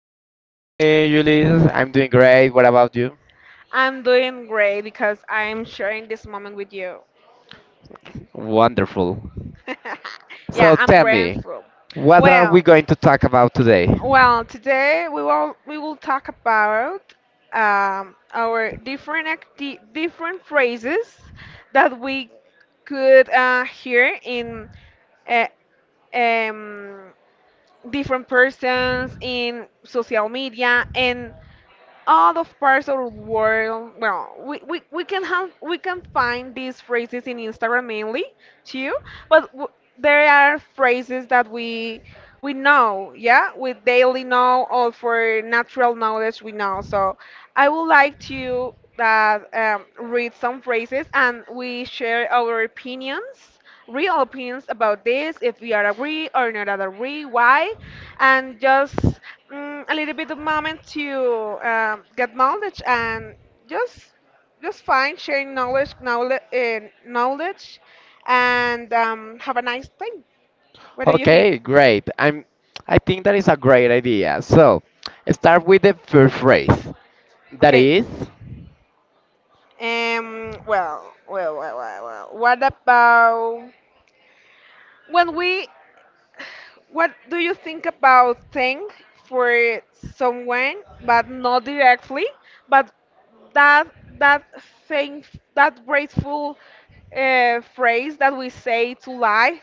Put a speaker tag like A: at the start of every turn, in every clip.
A: Hi, Ulysses. I'm doing great. What about you?
B: I'm doing great because I'm sharing this moment with you.
A: Wonderful.
B: Yeah,
A: So
B: I'm
A: tell me,
B: grateful.
A: what are
B: Well,
A: we going to talk about today?
B: well, today we will talk about our different different phrases that we could hear in uh, um, different persons in social media and all of parts of the world. Well, we can have we can find these phrases in Instagram mainly too, but w there are phrases that we know, yeah, we daily know or for natural knowledge we know. So I would like to that read some phrases and we share our opinions real opinions about this if we are agree or not agree why and just a little bit of moment to get knowledge and just just find sharing knowledge and have a nice time, what do you
A: Okay,
B: think?
A: great. I think that is a great idea. So, start with the first phrase. That
B: Okay.
A: is,
B: Well. What about when we, what do you think about thank for someone, but not directly, but that that thing, that grateful phrase that we say to lie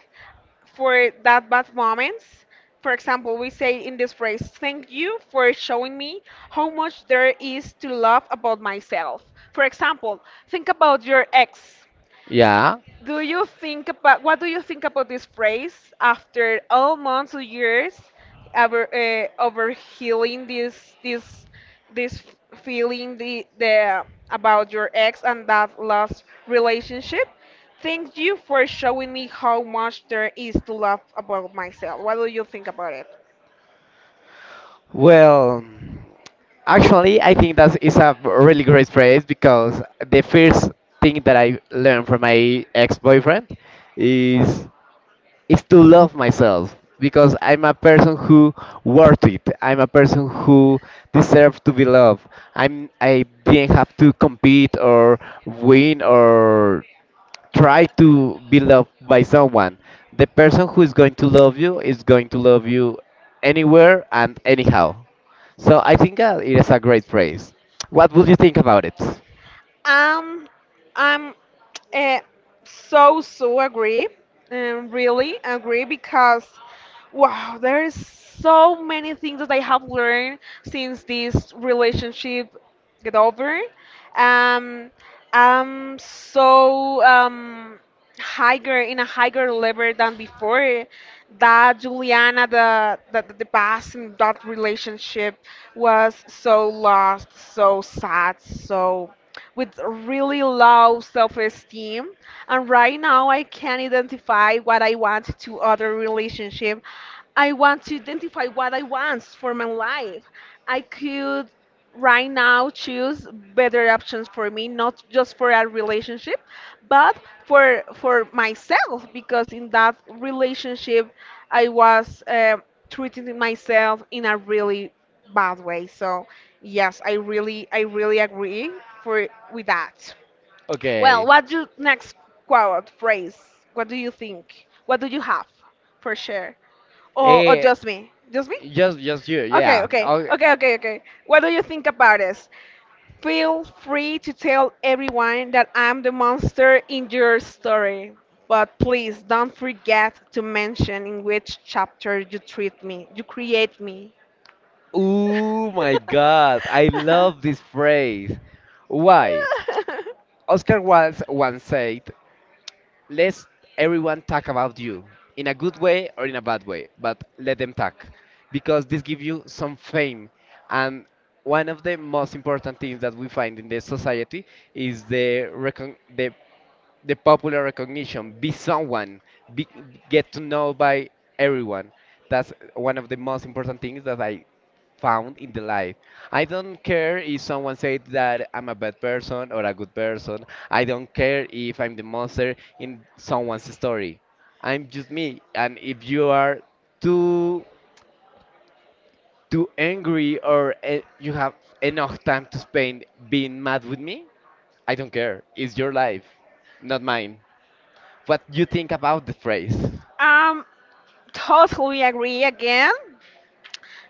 B: for that bad moments? For example, we say in this phrase, thank you for showing me how much there is to love about myself. For example, think about your ex.
A: yeah.
B: Do you think about What do you think about this phrase after all months or years over over healing this feeling, the about your ex and that last relationship? Thank you for showing me how much there is to love about myself. What do you think about it?
A: Well, actually, I think that is a really great phrase because the first thing that I learned from my ex-boyfriend is is to love myself because I'm a person who worth it. I'm a person who deserve to be loved. I didn't have to compete or win or try to be loved by someone. The person who is going to love you is going to love you anywhere and anyhow. So I think it is a great phrase. What would you think about it?
B: Um, I'm uh, so so agree, really agree because wow, there is so many things that I have learned since this relationship get over. Um, I'm so higher in a higher level than before that Juliana, the past in that relationship was so lost, so sad, so with really low self-esteem. And right now I can identify what I want to other relationship, I want to identify what I want for my life. I could right now choose better options for me, not just for a relationship, but for myself, because in that relationship I was treating myself in a really bad way. So yes, I really agree for with that. Well,
A: Okay.
B: what's your next quote phrase? What do you think, what do you have for sure? Or
A: Eh,
B: just me, just me.
A: just you,
B: okay
A: yeah.
B: okay
A: Oh,
B: okay okay okay what do you think about this? Feel free to tell everyone that I'm the monster in your story, but please don't forget to mention in which chapter you treat me, you create me.
A: oh my God, I love this phrase. Why? Oscar Wilde once said, let everyone talk about you, in a good way or in a bad way, but let them talk, because this gives you some fame. And one of the most important things that we find in the society is the popular recognition, be someone, be, get to know by everyone. That's one of the most important things that I found in the life. I don't care if someone said that I'm a bad person or a good person. I don't care if I'm the monster in someone's story. I'm just me. And if you are too too angry or you have enough time to spend being mad with me, I don't care. It's your life, not mine. What you think about the phrase?
B: um, Totally agree again.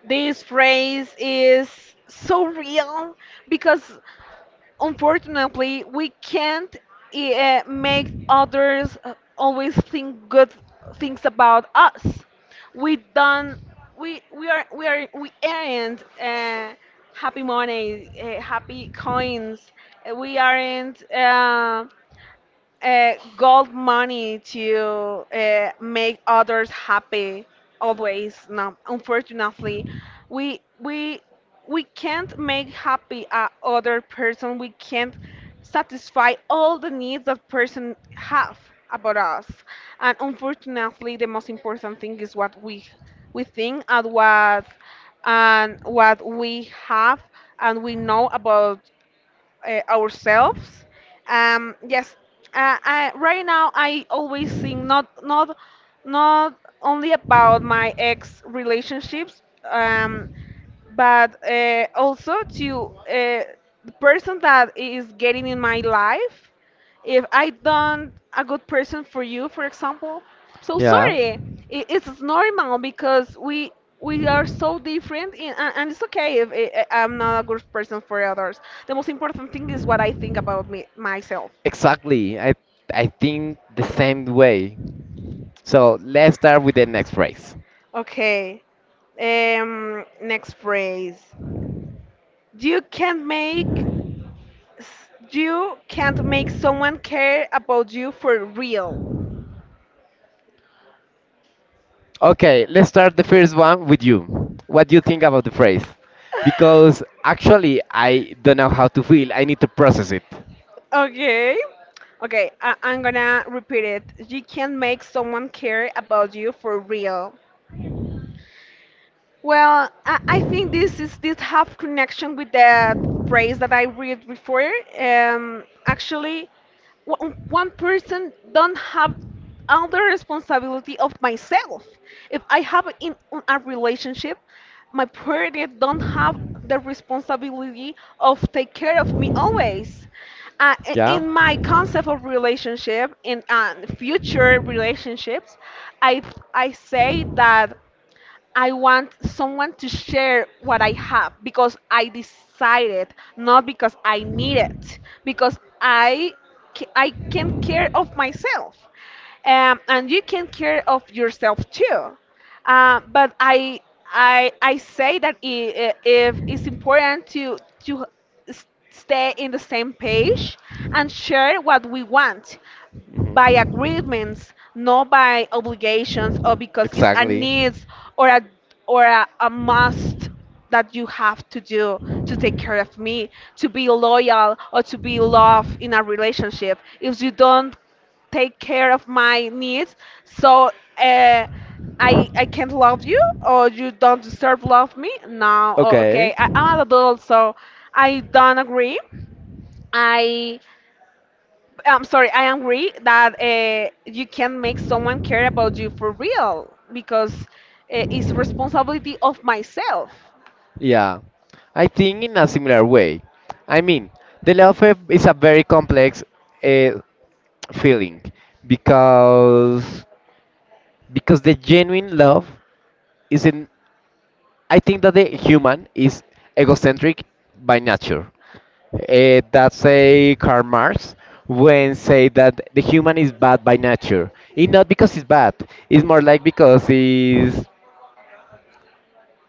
B: This phrase is so real because unfortunately, we can't make others always think good things about us. We don't. We are we are we aren't happy money, happy coins. We aren't. Gold money to make others happy always. No, unfortunately we we can't make happy a other person, we can't satisfy all the needs that person have about us. And unfortunately, the most important thing is what we think and what we have and we know about ourselves. Yes, I, right now I always think not not only about my ex relationships. Um, but also to the person that is getting in my life. If I don't a good person for you for example, so
A: Yeah.
B: sorry, it's normal because we are so different in, and it's okay if I'm not a good person for others. The most important thing is what I think about me myself.
A: Exactly. I think the same way. So let's start with the next phrase.
B: Okay, next phrase. You can make S- you can't make someone care about you for real.
A: Okay, let's start the first one with you. What do you think about the phrase? Because actually, I don't know how to feel. I need to process it.
B: Okay. Okay, I I'm gonna repeat it. You can't make someone care about you for real. Well, I think this have connection with that phrase that I read before. Actually, one person don't have all the responsibility of myself. If I have in a relationship, my partner don't have the responsibility of take care of me always.
A: Yeah.
B: In my concept of relationship, in future relationships, I I say that. I want someone to share what I have because I decided, not because I need it, because I can care of myself, and you can care of yourself too. But I say that, if it's important to s- stay in the same page and share what we want by agreements, not by obligations or because it's a need, or a or a must that you have to do to take care of me, to be loyal or to be loved in a relationship. If you don't take care of my needs, so uh, I can't love you or you don't deserve love me. No, oh,
A: Okay,
B: okay, I, I'm an adult, so I don't agree. I I'm sorry, I agree that you can make someone care about you for real, because it's responsibility of myself.
A: yeah. I think in a similar way. I mean, the love of- is a very complex uh, feeling because because the genuine love isn't I think that the human is egocentric by nature. That's a Karl Marx when say that the human is bad by nature. It's not because it's bad. It's more like because it's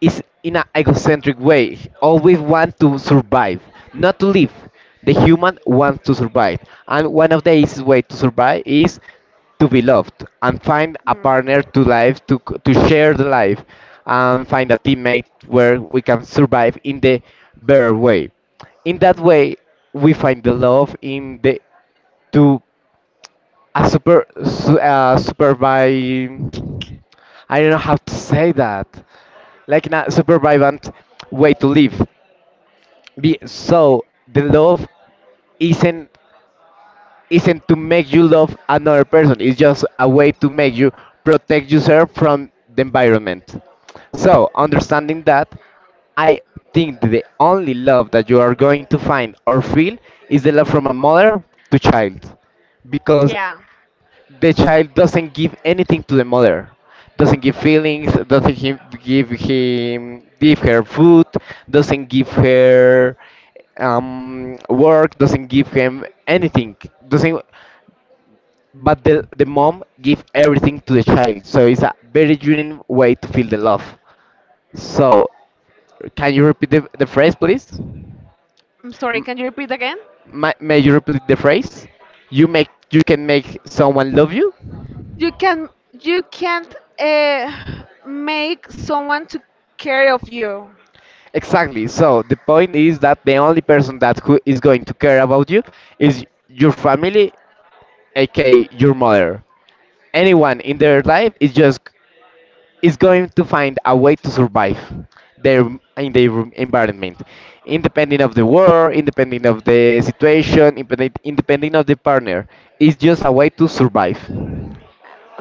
A: is in an egocentric way. Always want to survive, not to live. The human wants to survive, and one of the easiest way to survive is to be loved and find a
B: Hmm.
A: partner to life to c- to share the life and find a teammate where we can survive in the better way. In that way, we find the love in the to a super su, super by I don't know how to say that like in a survivant way to live. Be, so the love isn't isn't to make you love another person. It's just a way to make you protect yourself from the environment. So understanding that, I think the only love that you are going to find or feel is the love from a mother to child, because
B: Yeah.
A: the child doesn't give anything to the mother doesn't give feelings doesn't him give her food doesn't give her work doesn't give him anything doesn't but the mom give everything to the child, so it's a very genuine way to feel the love, so can you repeat the phrase, please?
B: I'm sorry,
A: M-
B: can you repeat again?
A: may you repeat the phrase you make you can make someone love you.
B: You can you can't make someone to care of you.
A: Exactly. So the point is that the only person that who is going to care about you is your family, aka your mother. Anyone in their life is just is going to find a way to survive their in their environment, independent of the war, independent of the situation, independent of the partner. It's just a way to survive.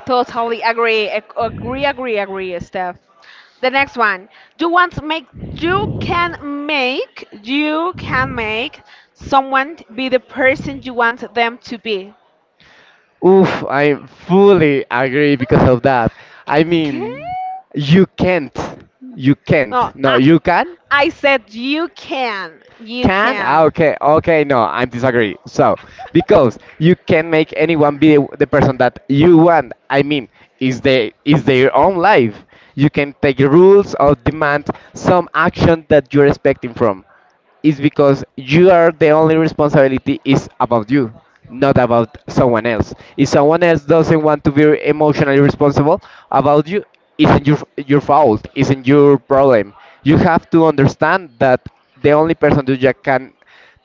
B: Totally agree. Agree, agree, agree, Steph. The next one. You want to make you can make You can make someone be the person you want them to be.
A: Oof, I fully agree because of that. I
B: Okay.
A: mean, you can't, you can't.
B: No,
A: No, you can,
B: I said you can. You
A: can? Ah,
B: can.
A: okay, okay, no, I'm disagree. So, because you can make anyone be the person that you want. I mean, is they is their own life. You can take rules or demand some action that you're expecting from is because you are the only responsibility is about you, not about someone else. If someone else doesn't want to be emotionally responsible about you, isn't your fault, isn't your problem. You have to understand that the only person who you can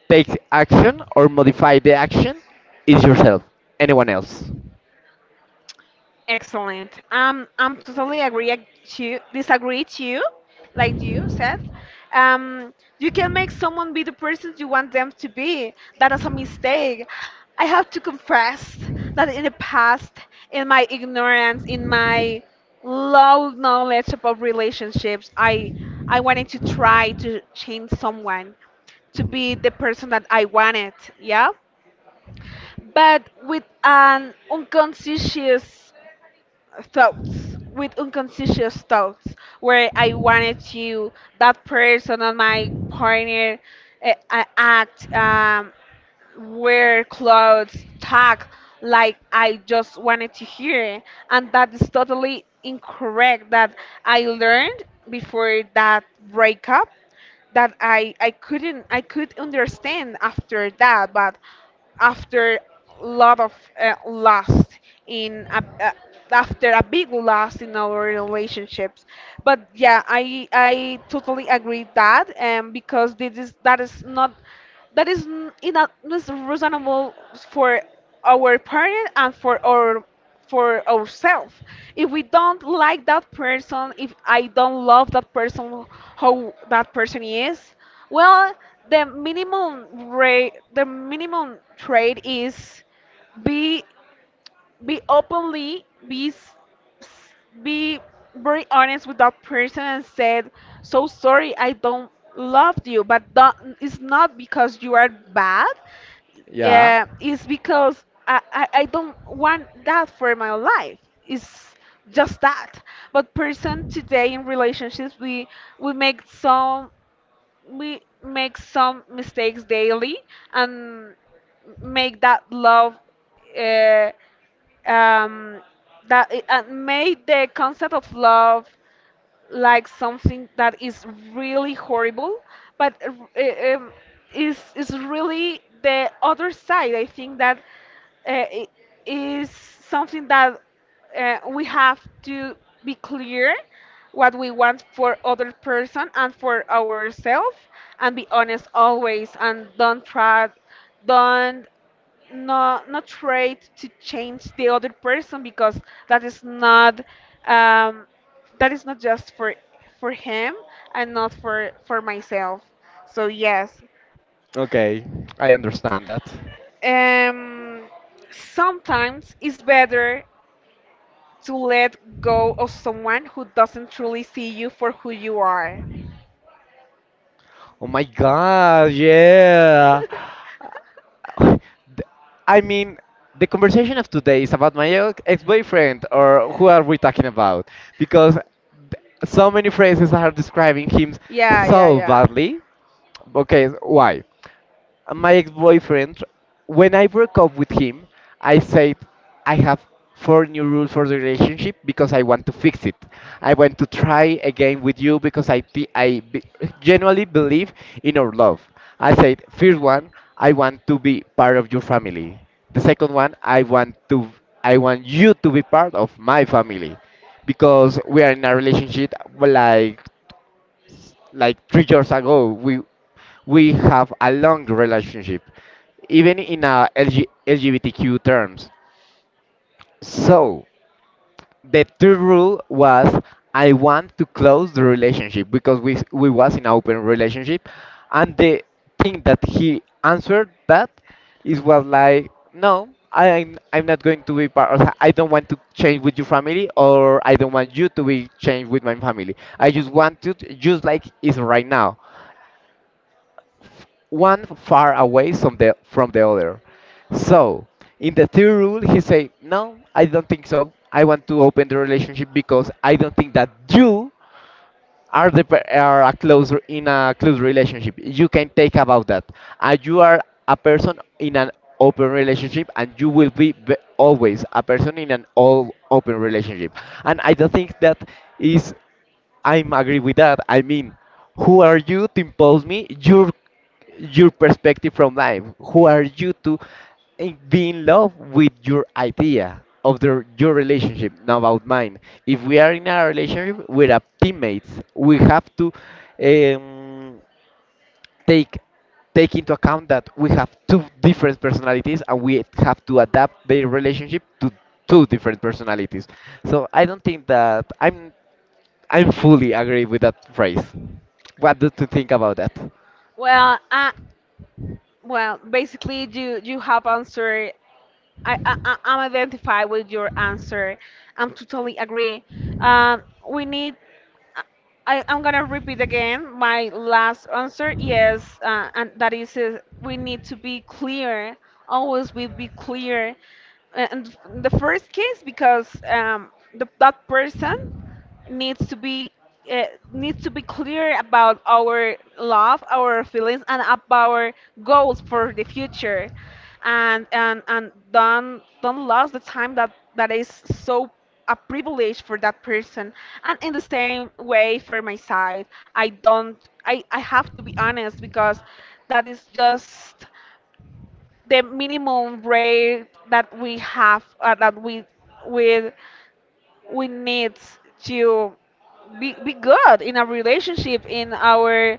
A: take action or modify the action is yourself, anyone else.
B: Excellent. I'm totally agree to disagree to you, like you said. Um, you can make someone be the person you want them to be. That is a mistake. I have to confess that in the past, in my ignorance, in my low knowledge about relationships, I wanted to try to change someone to be the person that I wanted. Yeah, but with an unconscious thoughts, with unconscious thoughts where I wanted to that person and my partner act wear clothes talk like I just wanted to hear, and that is totally incorrect. That I learned before that breakup, that I couldn't, I could understand after that, but after lot of loss in after a big loss in our relationships. But yeah, I totally agree that um, because this is that is not, that is in a, is reasonable for our parent and for our for ourselves. If we don't like that person, if I don't love that person, how that person is, well, the minimum rate, the minimum trade is be be openly, s- be very honest with that person and said, "So sorry, I don't love you," but that, it's not because you are bad.
A: Yeah.
B: Yeah, it's because I don't want that for my life. It's just that. But person today in relationships we we make some we make some mistakes daily and make that love uh, um, that eh, and make the concept of love like something that is really horrible, but uh, um, is really the other side. I think that uh, i- is something that we have to be clear what we want for other person and for ourselves, and be honest always, and don't try, don't not try to change the other person, because that is not um, that is not just for him and not for for myself. So yes,
A: Okay, I understand that.
B: um, sometimes it's better to let go of someone who doesn't truly see you for who you are.
A: Oh my god, yeah. Uh, Th- I mean, the conversation of today is about my ex- ex-boyfriend, or who are we talking about? Because th- so many phrases are describing him
B: Yeah, yeah,
A: so
B: yeah.
A: badly. Okay, why? My ex-boyfriend, when I broke up with him, I said I have four new rules for the relationship because I want to fix it. I want to try again with you because I thi- I be- genuinely believe in our love. I said first one, I want to be part of your family. The second one, I want to I want you to be part of my family because we are in a relationship like like 3 years ago we have a long relationship even in LG, terms so the third rule was I want to close the relationship because we s- we was in an open relationship and the thing that he answered that is was like no I'm not going to be part of I don't want to change with your family or I don't want you to be changed with my family I just want to t- just like is right now one far away from the other. So in the third rule, he say, "No, I don't think so. I want to open the relationship because I don't think that you are the per- are a close re- in a close relationship. You can take about that. And you are a person in an open relationship, and you will be ve- always a person in an all open relationship. And I don't think that is." I'm agree with that. I mean, who are you to impose me your perspective from life? Who are you to in- be in love with your idea of the, your relationship, not about mine? If we are in a relationship, we're a teammates. We have to um, take take into account that we have two different personalities and we have to adapt their relationship to two different personalities. So I don't think that I'm fully agree with that phrase. What do you think about that?
B: Well, well, basically, you have answered. I'm identify with your answer. I'm totally agree. Um, we need. I'm gonna repeat again my last answer. Yes, and that is we need to be clear. Always we be clear. And the first case because um, the, that person needs to be uh, needs to be clear about our love, our feelings, and about our goals for the future, and don't lose the time that that is so a privilege for that person. And in the same way for my side, I don't I have to be honest because that is just the minimum rate that we have that we with we need to be good in our relationship, in our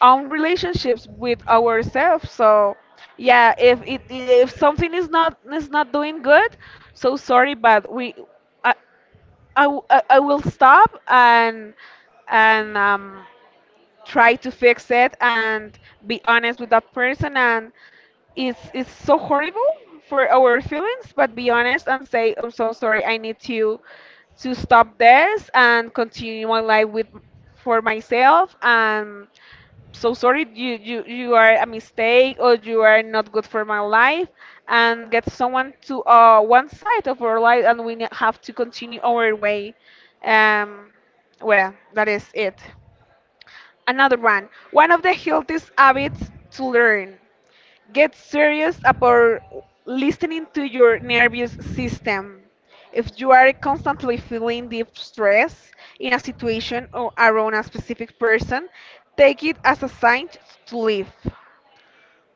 B: own relationships with ourselves. So yeah, if it, if something is not, is not doing good, so sorry, but we I I, w- I will stop and and um try to fix it and be honest with that person. And it's so horrible for our feelings, but be honest and say, I'm so sorry, I need to stop this and continue my life with for myself. And so sorry, you are a mistake, or you are not good for my life, and get someone to one side of our life, and we have to continue our way. um well, that is it. Another one, one of the healthiest habits to learn. Get serious about listening to your nervous system. If you are constantly feeling deep stress in a situation or around a specific person, take it as a sign to leave.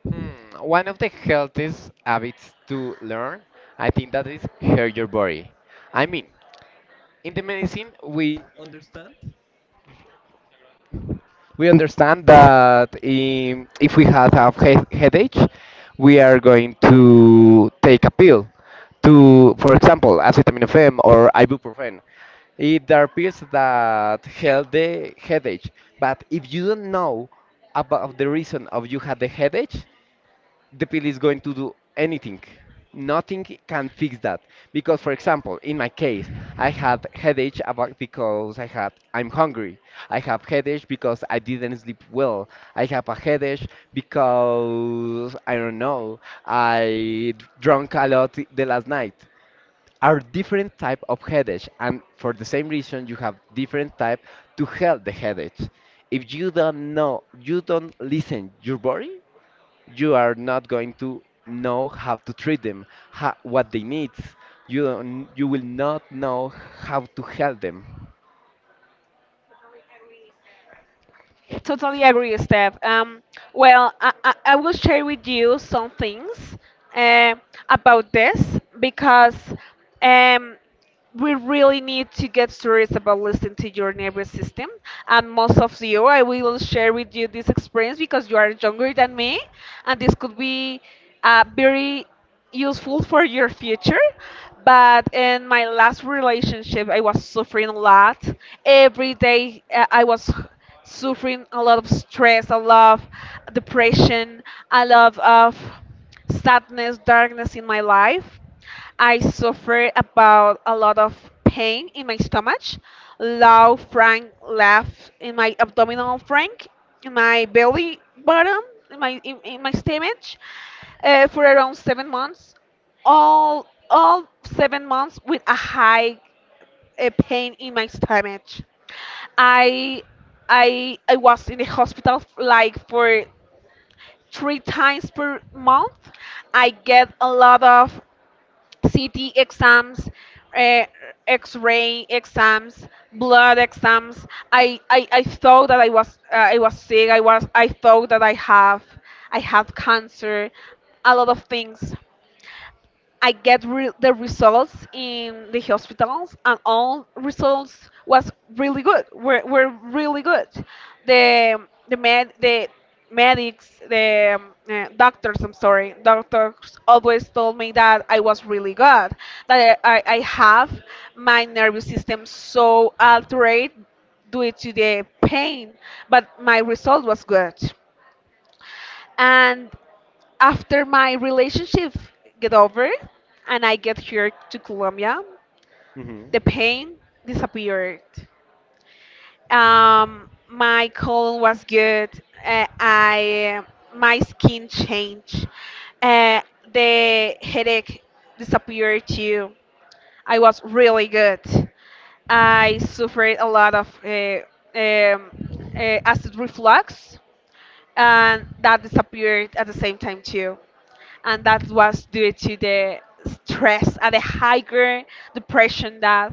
A: Hmm, one of the healthiest habits to learn, I think that is hear your body. I mean, in the medicine, we understand that if we have a he- headache, we are going to take a pill to, for example, acetaminophen or ibuprofen. It, there are pills that help the headache, but if you don't know about the reason of you had the headache, the pill is going to do anything. Nothing can fix that because, for example, in my case, I have headache about because I had I'm hungry. I have headache because I didn't sleep well. I have a headache because I don't know. I d- drank a lot the last night. Are different type of headache, and for the same reason, you have different type to help the headache. If you don't know, you don't listen your body, you are not going to know how to treat them, ha what they need. You don't, you will not know how to help them.
B: Totally agree, Steph. Well, I will share with you some things uh, about this because um, we really need to get serious about listening to your nervous system. And most of you, I will share with you this experience because you are younger than me, and this could be very useful for your future. But in my last relationship, I was suffering a lot. Every day, I was suffering a lot of stress, a lot of depression, a lot of sadness, darkness in my life. I suffered about a lot of pain in my stomach, low frank laugh in my abdominal frank, in my belly bottom, in my in my stomach, for around 7 months. All 7 months with a high pain in my stomach. I I was in the hospital like for 3 times per month. I get a lot of CT exams, uh, X-ray exams, blood exams. I thought that I was sick. I thought that I have cancer. A lot of things. I the results in the hospitals, and all results was really good. Were really good. The the doctors. I'm sorry, doctors always told me that I was really good. That I have my nervous system so altered due to the pain, but my result was good. And after my relationship get over and I get here to Colombia,
A: Hmm.
B: the pain disappeared. My colon was good. I My skin changed. Uh, the headache disappeared too. I was really good. I suffered a lot of um, acid reflux, and that disappeared at the same time too, and that was due to the stress and the higher depression that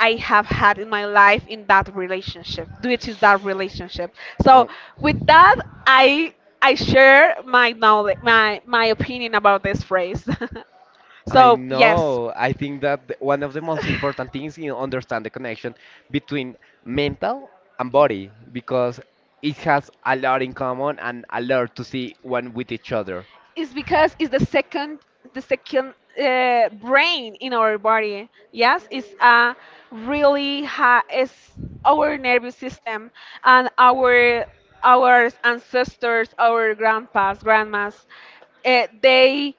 B: I have had in my life in that relationship, due to that relationship. So
A: Oh,
B: with that, I I share my knowledge, my opinion about this phrase.
A: I
B: So yes.
A: know. I think that the- one of the most important things is understand the connection between mental and body because it has a lot in common and a lot to see one with each other.
B: It's because it's the second brain in our body. Yes, it's a really ha it's our nervous system, and our ancestors, our grandpas, grandmas, uh, they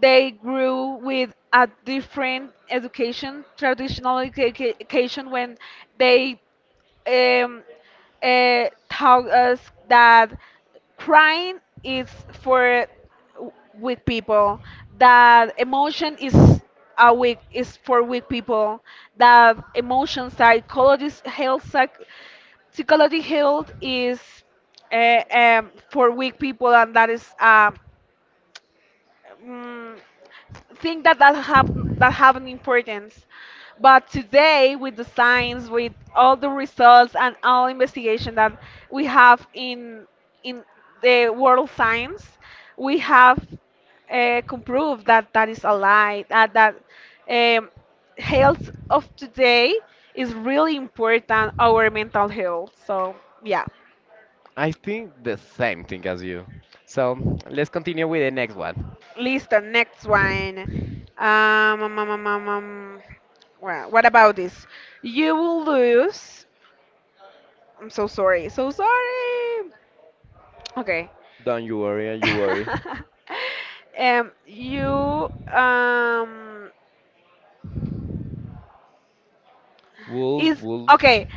B: they grew with a different education, traditional education, when they um, taught us that crying is for weak people, that emotion is a weak is for weak people, that emotion psychologist health psych, psychology health is for weak people, and that is mm, think that that have an importance. But today, with the science, with all the results and all investigation that we have in the world science, we have proved that that is a lie. That that um, health of today is really important. Our mental health. So yeah.
A: I think the same thing as you. So let's continue with the next one.
B: List the next one. Um, um, um, um, um, um, well, what about this? You will lose. I'm so sorry. So sorry. Okay.
A: Don't you worry, don't you worry.
B: You
A: Wool,
B: is
A: wool.
B: okay.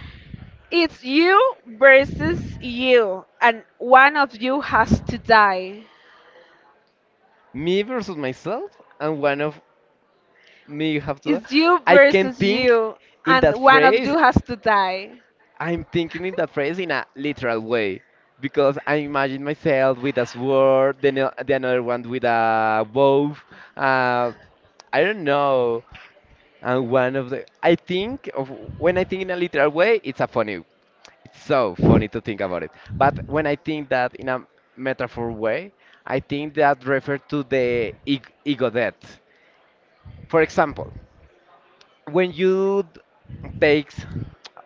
B: It's you versus you, and one of you has to die.
A: Me versus myself and one of me have to
B: It's you. Okay.
A: I can
B: Versus
A: think
B: you,
A: in
B: and
A: that
B: one of
A: phrase
B: you has to die.
A: I'm thinking in that phrase in a literal way because I imagine myself with a sword then the another one with a bow uh, I don't know and one of the I think of when I think in a literal way it's a funny it's so funny to think about it but when I think that in a metaphor way I think that refer to the eg- ego death. For example, when you d- takes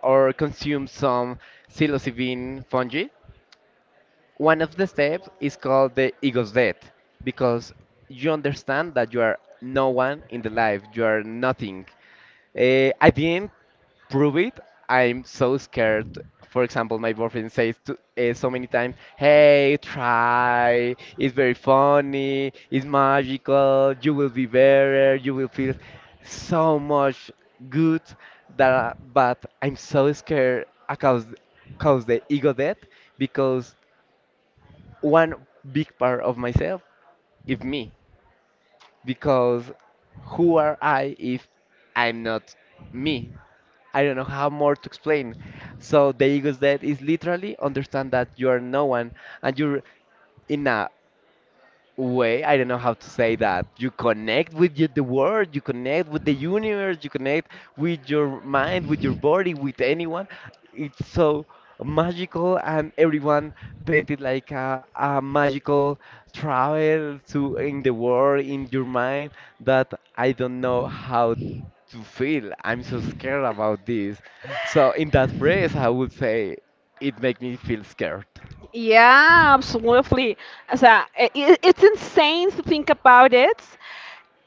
A: or consume some psilocybin fungi, one of the steps is called the ego's death because you understand that you are no one in the life, you are nothing. Eh, at the end, prove it, I'm so scared. For example, my boyfriend says to, so many times, "Hey, try. It's very funny. It's magical. You will be better. You will feel so much good." That, but I'm so scared because, cause the ego death because one big part of myself is me. Because who are I if I'm not me? I don't know how more to explain. So the ego's death is literally understand that you are no one and you're enough way. I don't know how to say that you connect with the world, you connect with the universe, you connect with your mind, with your body, with anyone. It's so magical. And everyone painted like a magical travel to in the world, in your mind, that I don't know how to feel. I'm so scared about this. So in that phrase, I would say it make me feel scared.
B: Yeah, absolutely. So I It's insane to think about it,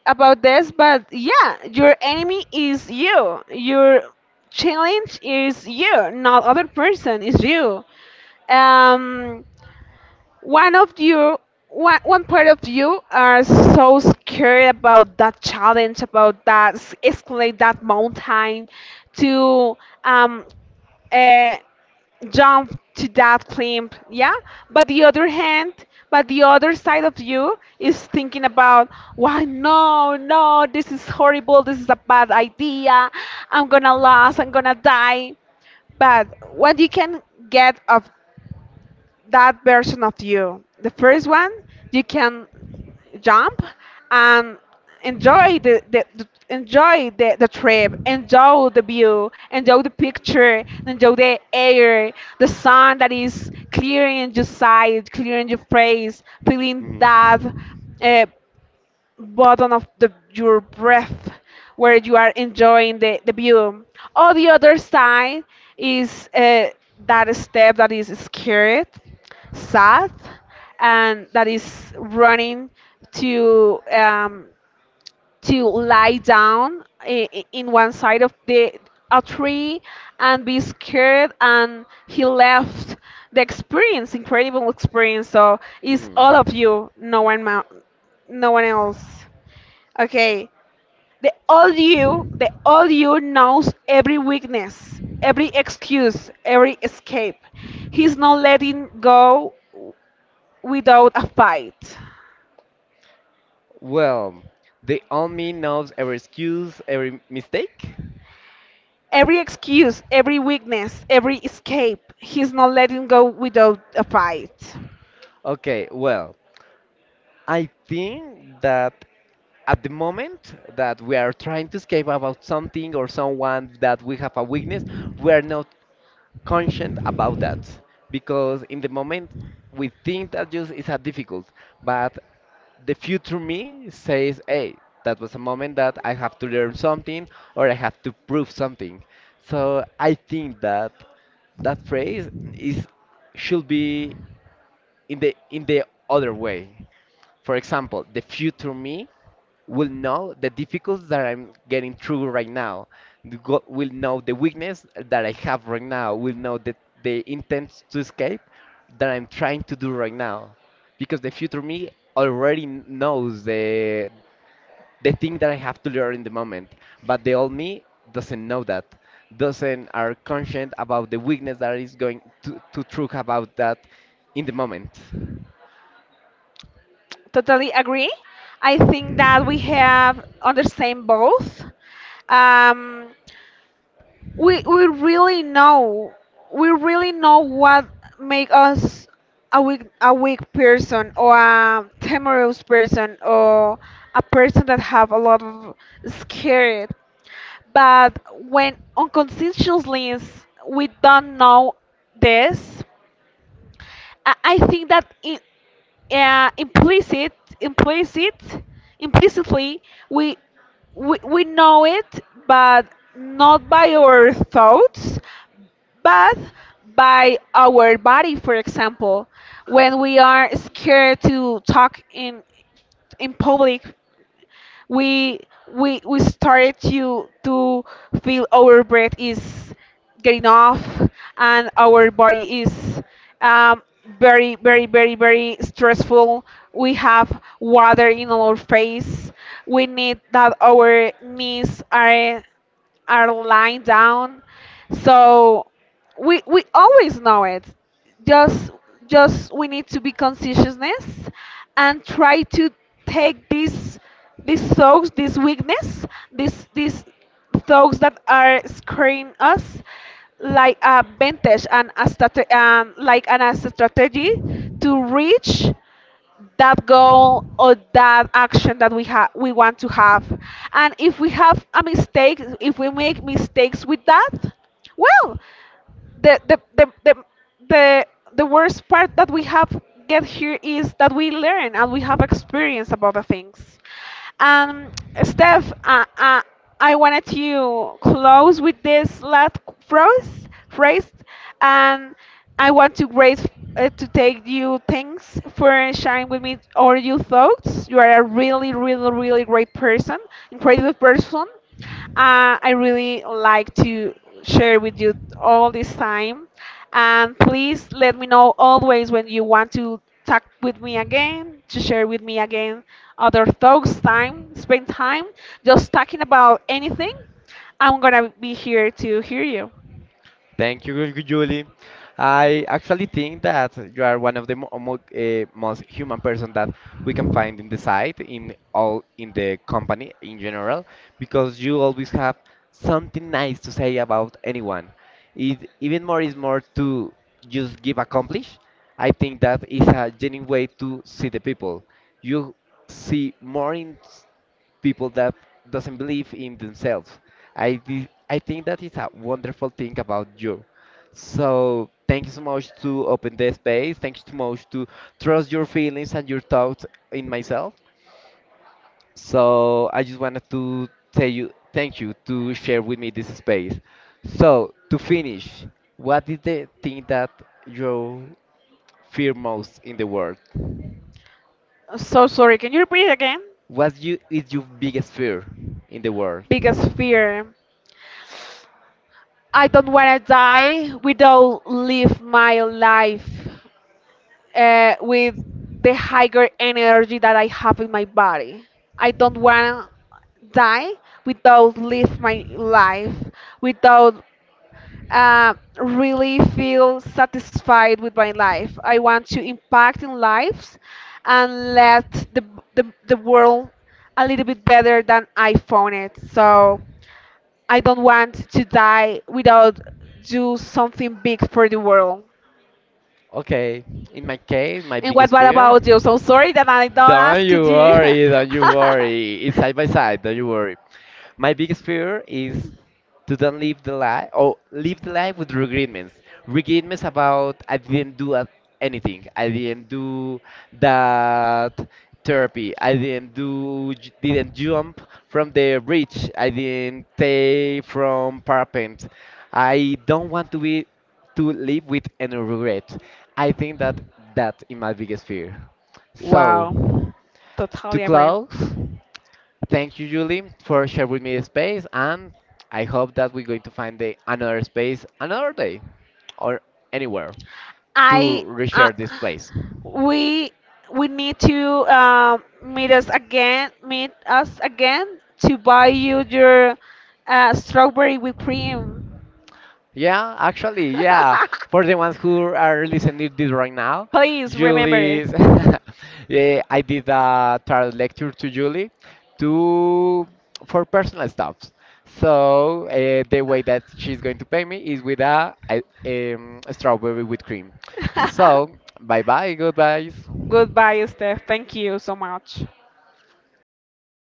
B: about this, but yeah, your enemy is you. Your challenge is you, not other person is you. Um, one of you, one part of you are so scared about that challenge, about that escalate that mountain to um, uh, jump to that claim, yeah, but the other hand, but the other side of you is thinking about why. No, no, this is horrible, this is a bad idea, I'm gonna lose, I'm gonna die, but what you can get of that version of you. The first one, you can jump and enjoy the trip, enjoy the, view, enjoy the picture, enjoy the air, the sun that is clearing your sight, clearing your face, feeling that
A: Mhm.
B: uh, bottom of your breath where you are enjoying the view. On the other side is that step that is scared, sad, and that is running to um, to lie down in one side of the a tree and be scared and he left the experience, incredible experience. So it's all of
A: Mhm.
B: you, no one else. Okay. The old you knows every weakness, every excuse, every escape. He's not letting go without a fight.
A: Well, the army knows every excuse, every mistake.
B: Every excuse, every weakness, every escape. He's not letting go without a fight.
A: Okay, well, I think that at the moment that we are trying to escape about something or someone that we have a weakness, we are not conscient about that, because in the moment we think that just is a difficult, but the future me says, hey, that was a moment that I have to learn something or I have to prove something. So I think that that phrase is should be in the other way. For example, the future me will know the difficulties that I'm getting through right now. The God will know the weakness that I have right now. Will know the intent to escape that I'm trying to do right now, because the future me already knows the thing that I have to learn in the moment. But the old me doesn't know that, doesn't are conscient about the weakness that is going to truth about that in the moment.
B: Totally agree. I think that we have understand both. Um, we really know, we really know what make us a weak person, or a timorous person, or a person that have a lot of scared. But when unconsciously we don't know this, I think that in, uh, implicit, implicit, implicitly, we, we know it, but not by our thoughts, but by our body. For example, when we are scared to talk in public, we we started to feel our breath is getting off and our body is um, very very very very stressful. We have water in our face, we need that our knees are lying down. So we always know it. just just we need to be conscientiousness and try to take these thoughts, this weakness, these thoughts that are scaring us, like a vantage and a like a strategy to reach that goal or that action that we have we want to have. And if we have a mistake, if we make mistakes with that, well, the the the the the, the worst part that we have get here is that we learn and we have experience about the things. Um, Steph, I wanted to close with this phrase, and I want to grace to take you thanks for sharing with me all your thoughts. You are a really, really, really great person, incredible person. I really like to share with you all this time. And please let me know always when you want to talk with me again, to share with me again other thoughts, time, spend time, just talking about anything. I'm gonna be here to hear you.
A: Thank you, Julie. I actually think that you are one of the mo mo most human person that we can find in the site, in all in the company in general, because you always have something nice to say about anyone. It even more is more to just give accomplish. I think that is a genuine way to see the people. You see more in people that doesn't believe in themselves. I think that is a wonderful thing about you. So thank you so much to open the space. Thank you so much to trust your feelings and your thoughts in myself. So I just wanted to tell you thank you to share with me this space. So to finish, what is the thing that you fear most in the world?
B: So sorry, can you repeat it again?
A: What you is your biggest fear in the world?
B: Biggest fear. I don't wanna die without live my life. Uh, with the higher energy that I have in my body. I don't want to die without live my life, without uh, really feel satisfied with my life. I want to impact in lives and let the world a little bit better than I found it. So I don't want to die without do something big for the world.
A: Okay, in my case, my
B: And
A: biggest
B: what
A: fear.
B: about you? So sorry that I don't
A: Don't
B: ask
A: you
B: you.
A: worry, don't you worry. It's side by side, don't you worry. My biggest fear is to don't live the life, or live the life with regretments. Regretments about I didn't do anything. I didn't do that therapy. I didn't do, didn't jump from the bridge. I didn't stay from parapent. I don't want to be to live with any regret. I think that that is my biggest fear.
B: Wow,
A: So, to
B: totally agree.
A: close, thank you, Julie, for sharing with me the space, and I hope that we're going to find another space another day or anywhere to
B: I Uh,
A: reshare this place.
B: we we need to uh, meet us again to buy you your strawberry whipped cream.
A: Yeah, actually, yeah. For the ones who are listening to this right now,
B: Please remember it.
A: Julie's, yeah, I did a tarot lecture to Julie to for personal stuffs. So the way that she's going to pay me is with a strawberry with cream. So bye bye, goodbyes.
B: Goodbye, Steph. Thank you so much.